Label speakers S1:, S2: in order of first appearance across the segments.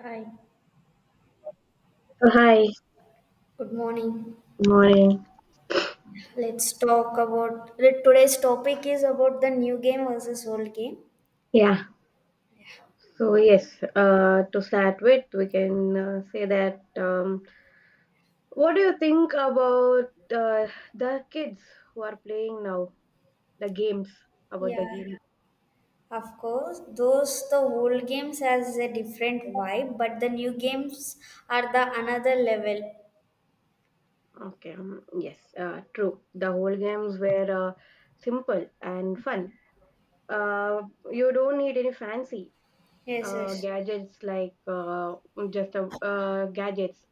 S1: Hi,
S2: Oh, hi,
S1: good morning.
S2: good morning.
S1: Let's talk about today's topic is about the new game versus old game.
S2: Yeah, to start with, we can say that what do you think about the kids who are playing now? The games, about the
S1: Yeah,
S2: games.
S1: of course. Those the old games has a different vibe, but the new games are the another level.
S2: Okay, yes, True. The whole games were simple and fun. You don't need any fancy.
S1: Yes, yes.
S2: Gadgets like just a gadgets.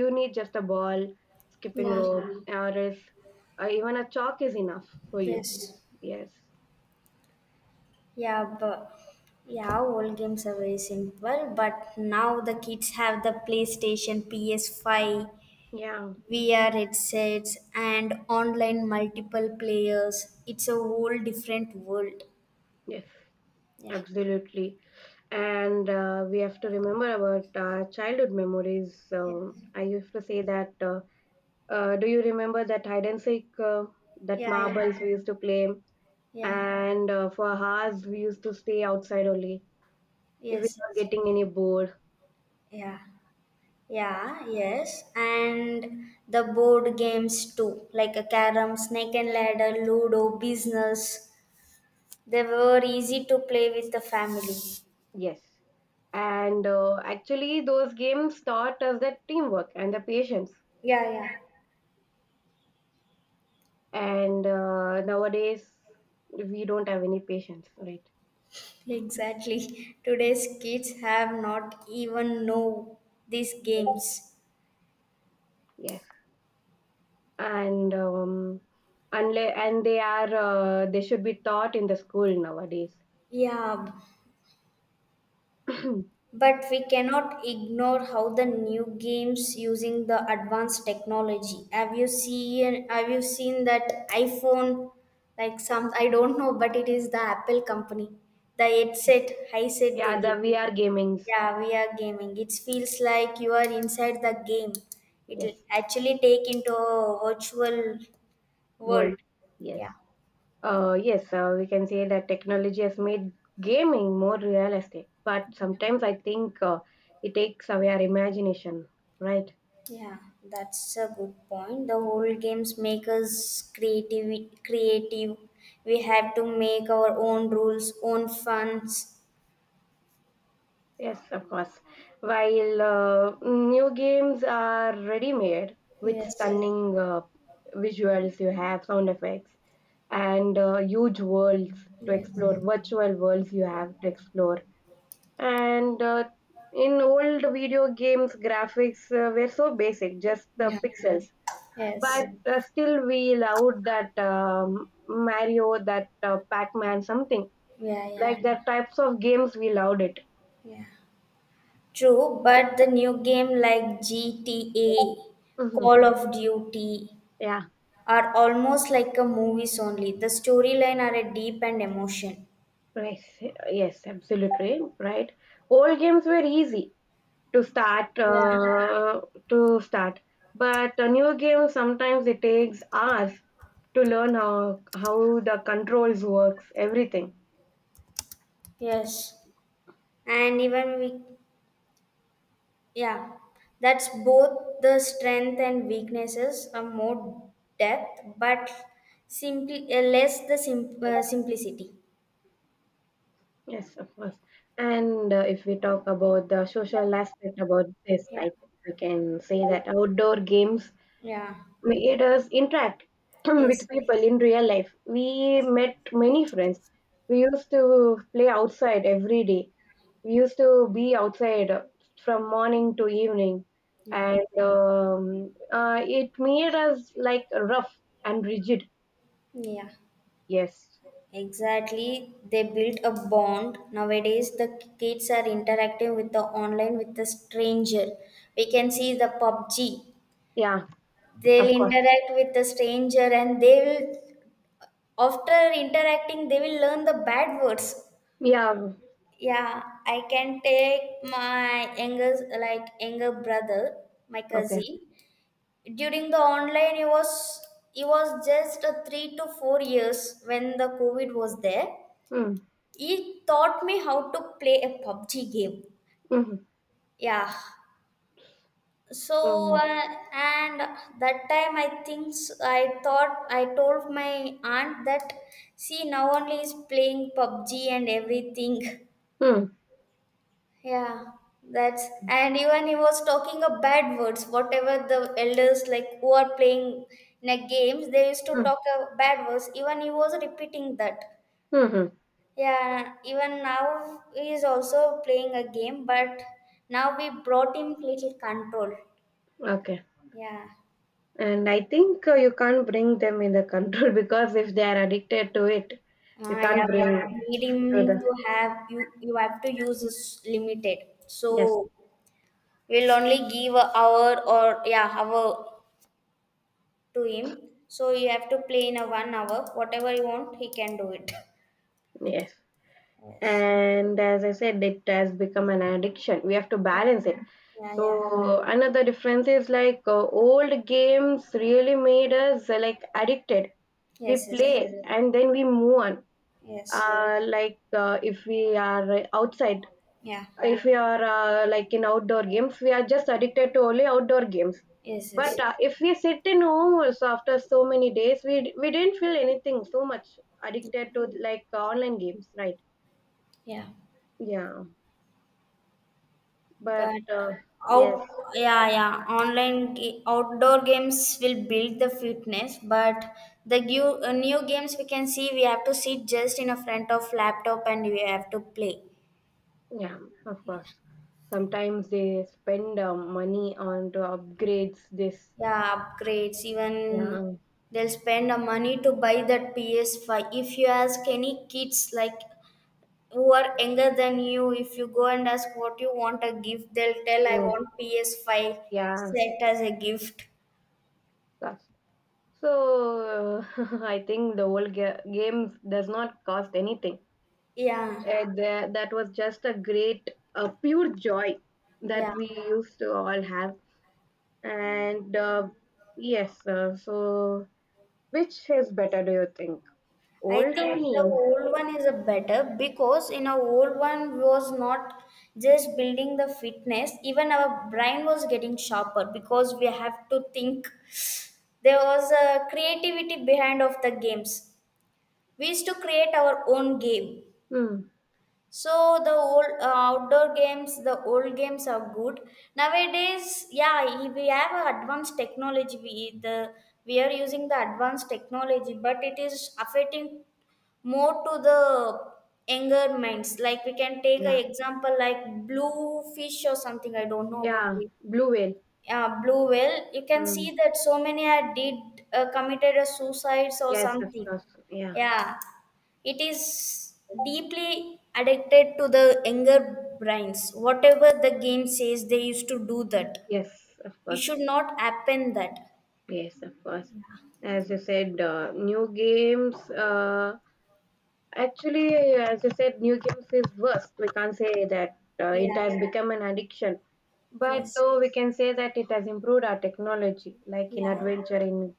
S2: You need just a ball, skipping
S1: Yeah.
S2: rope, or else, even a chalk is enough for you.
S1: Yes.
S2: Yes.
S1: Yeah, but yeah, old games are very simple. But now the kids have the PlayStation, PS5,
S2: Yeah.
S1: VR headsets, and online multiple players. It's a whole different world.
S2: Yes.
S1: Yeah,
S2: Absolutely. And we have to remember about childhood memories.
S1: yeah,
S2: So I used to say that. Do you remember that hide and seek? That
S1: yeah, yeah,
S2: marbles we used to play,
S1: yeah.
S2: and for hours we used to stay outside only if we
S1: Yes,
S2: were
S1: yes,
S2: getting any bored.
S1: yeah, yeah, yes. And the board games too, like a carom, snake and ladder, ludo, business. They were easy to play with the family.
S2: Yes. And actually those games taught us that teamwork and the patience
S1: Yeah,
S2: and nowadays we don't have any patience, right?
S1: yeah, exactly. Today's kids have not even know these games.
S2: Yes and um Unless and they are they should be taught in the school nowadays.
S1: Yeah,
S2: Yeah.
S1: but we cannot ignore how the new games using the advanced technology. Have you seen? Have you seen that iPhone? Like some, I don't know, but it is the Apple company. The headset they
S2: The
S1: give.
S2: VR gamings.
S1: Yeah, we are gaming. It feels like you are inside the game. It will
S2: Yes.
S1: actually take into a virtual world.
S2: World. Yes.
S1: Yeah,
S2: Yes we can say that technology has made gaming more realistic, but sometimes I think it takes away our imagination, right?
S1: yeah, that's a good point. The whole games make us creative. Creative. We have to make our own rules, own funds.
S2: Yes, of course. While new games are ready made with
S1: Yes.
S2: stunning visuals, you have sound effects and huge worlds to
S1: Yes.
S2: explore, virtual worlds you
S1: Yeah.
S2: have to explore. And in old video games, graphics were so basic, just the
S1: Yeah.
S2: pixels.
S1: Yes.
S2: But still, we loved that Mario, that Pac Man, something
S1: Yeah. Yeah.
S2: like that, types of games, we loved it.
S1: Yeah. True, but the new game like GTA,
S2: Mhm.
S1: Call of Duty
S2: Yeah.
S1: are almost like a movies only. The storyline are a deep and emotion.
S2: Right. Yes, absolutely right. Old games were easy to start
S1: Yeah.
S2: to start, but a new game sometimes it takes hours to learn how the controls works, everything.
S1: Yes. And even we, yeah, that's both the strength and weaknesses, a more depth, but simply less the simplicity.
S2: Yes, of course. And if we talk about the social aspect about this, I
S1: Yeah,
S2: think we can say that outdoor games
S1: yeah,
S2: made us interact with
S1: yes,
S2: people in real life. We met many friends. We used to play outside every day, we used to be outside from morning to evening,
S1: yeah,
S2: and it made us like rough and rigid.
S1: yeah.
S2: Yes.
S1: Exactly. They built a bond. Nowadays, the kids are interacting with the online with the stranger. We can see the PUBG.
S2: Yeah,
S1: They'll
S2: of course.
S1: interact with the stranger, and they will, after interacting, they will learn the bad words.
S2: Yeah.
S1: Yeah, I can take my younger like younger brother, my
S2: Okay.
S1: cousin. During the online, he was just a 3 to 4 years when the COVID was there.
S2: Mm,
S1: He taught me how to play a PUBG game.
S2: mm,
S1: Yeah. So
S2: mm,
S1: and that time I think I thought I told my aunt that see now only is playing PUBG and everything.
S2: mm,
S1: Yeah, that's and even he was talking a bad words. Whatever the elders like who are playing in a games, they used to
S2: mm,
S1: talk a bad words. Even he was repeating that.
S2: mm.
S1: Yeah, even now he is also playing a game, but now we brought him little control.
S2: Okay.
S1: Yeah.
S2: And I think you can't bring them in the control because if they are addicted to it, you
S1: Ah,
S2: can't
S1: yeah, but
S2: bring
S1: need
S2: to
S1: him
S2: the,
S1: to have you. You have to use this limited. So
S2: yes.
S1: we'll only give a hour or yeah, hour to him. So you have to play in a 1 hour. Whatever you want, he can do it.
S2: Yes.
S1: Yes.
S2: And as I said, it has become an addiction, we have to
S1: Yeah.
S2: balance it.
S1: Yeah. Yeah.
S2: So another difference is like old games really made us like addicted. We
S1: Yes. Yes.
S2: play and then we move on,
S1: Yes.
S2: if we are outside,
S1: Yeah.
S2: if we are like in outdoor games we are just addicted to only outdoor games.
S1: Yes.
S2: But
S1: Yes.
S2: if we sit in home also after so many days we didn't feel anything so much addicted to like online games, right?
S1: Yeah.
S2: Yeah. But
S1: But
S2: yes,
S1: out. Yeah. Yeah. Outdoor games will build the fitness, but the new games we can see we have to sit just in a front of laptop and we have to play.
S2: yeah, of course. Sometimes they spend money on to upgrades. This,
S1: Yeah, upgrades even
S2: yeah,
S1: they'll spend the money to buy that PS5. If you ask any kids like who are younger than you, if you go and ask what you want a gift, they'll tell I
S2: yes,
S1: want PS5
S2: yeah,
S1: set as a gift.
S2: cost. So I think the whole game does not cost anything.
S1: Yeah,
S2: That was just a great, pure joy that
S1: yeah.
S2: we used to all have. And yes, so which is better? Do you think
S1: I
S2: old
S1: think
S2: or
S1: the
S2: new?
S1: old one is a better, because in a old one was not just building the fitness, even our brain was getting sharper because we have to think. There was a creativity behind of the games. We used to create our own game.
S2: Hmm.
S1: So the old outdoor games, the old games are good. Nowadays, yeah, we have a advanced technology. We are using the advanced technology, but it is affecting more to the younger minds. Like we can take an
S2: Yeah,
S1: example like blue fish or something. I don't know about
S2: yeah,
S1: it.
S2: blue whale.
S1: Yeah, Blue Whale. You can see
S2: Mm,
S1: that so many had did committed a suicides or
S2: yes, of
S1: something.
S2: course. Yeah.
S1: Yeah, it is deeply addicted to the younger brains. Whatever the game says, they used to do that.
S2: Yes, of
S1: It
S2: course.
S1: should not happen that.
S2: Yes, of course. As you said, new games. Actually, as you said, new games is worst. We can't say that
S1: Yeah.
S2: it has become an addiction. But
S1: Yes.
S2: though we can say that it has improved our technology, like in
S1: Yeah.
S2: adventure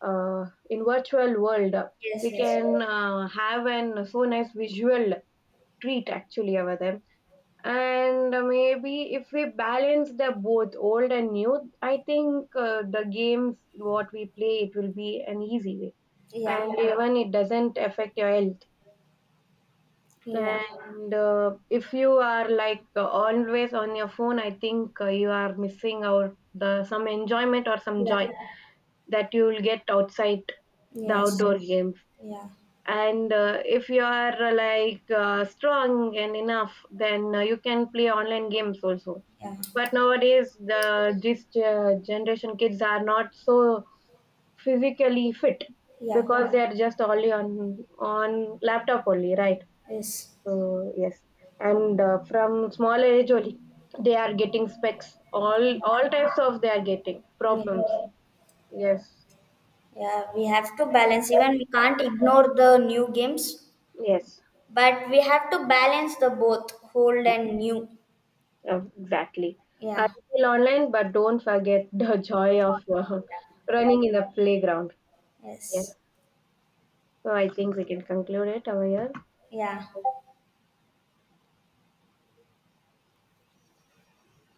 S2: in virtual world,
S1: Yes.
S2: we
S1: Yes.
S2: can have an so nice visual treat actually over there. And maybe if we balance the both old and new, I think the games what we play, it will be an easy way.
S1: Yeah.
S2: And yeah, even it doesn't affect your health.
S1: Yeah.
S2: And if you are like always on your phone, I think you are missing out the some enjoyment or some
S1: Yeah.
S2: joy that you will get outside, the
S1: Yes.
S2: outdoor games.
S1: Yeah.
S2: And if you are strong and enough, then you can play online games also.
S1: Yeah. Yeah.
S2: But nowadays the this generation kids are not so physically fit because they are just only on laptop only, right?
S1: Yes.
S2: So yes. And from small age only, they are getting specs, all types of, they are getting
S1: Yeah.
S2: problems. Yes.
S1: Yeah, we have to balance. Even we can't ignore the new games.
S2: Yes.
S1: But we have to balance the both old and new.
S2: Oh, exactly. I
S1: Yeah.
S2: feel online, but don't forget the joy of running in the playground. Yeah.
S1: Yes.
S2: So I think we can conclude it over here.
S1: Yeah.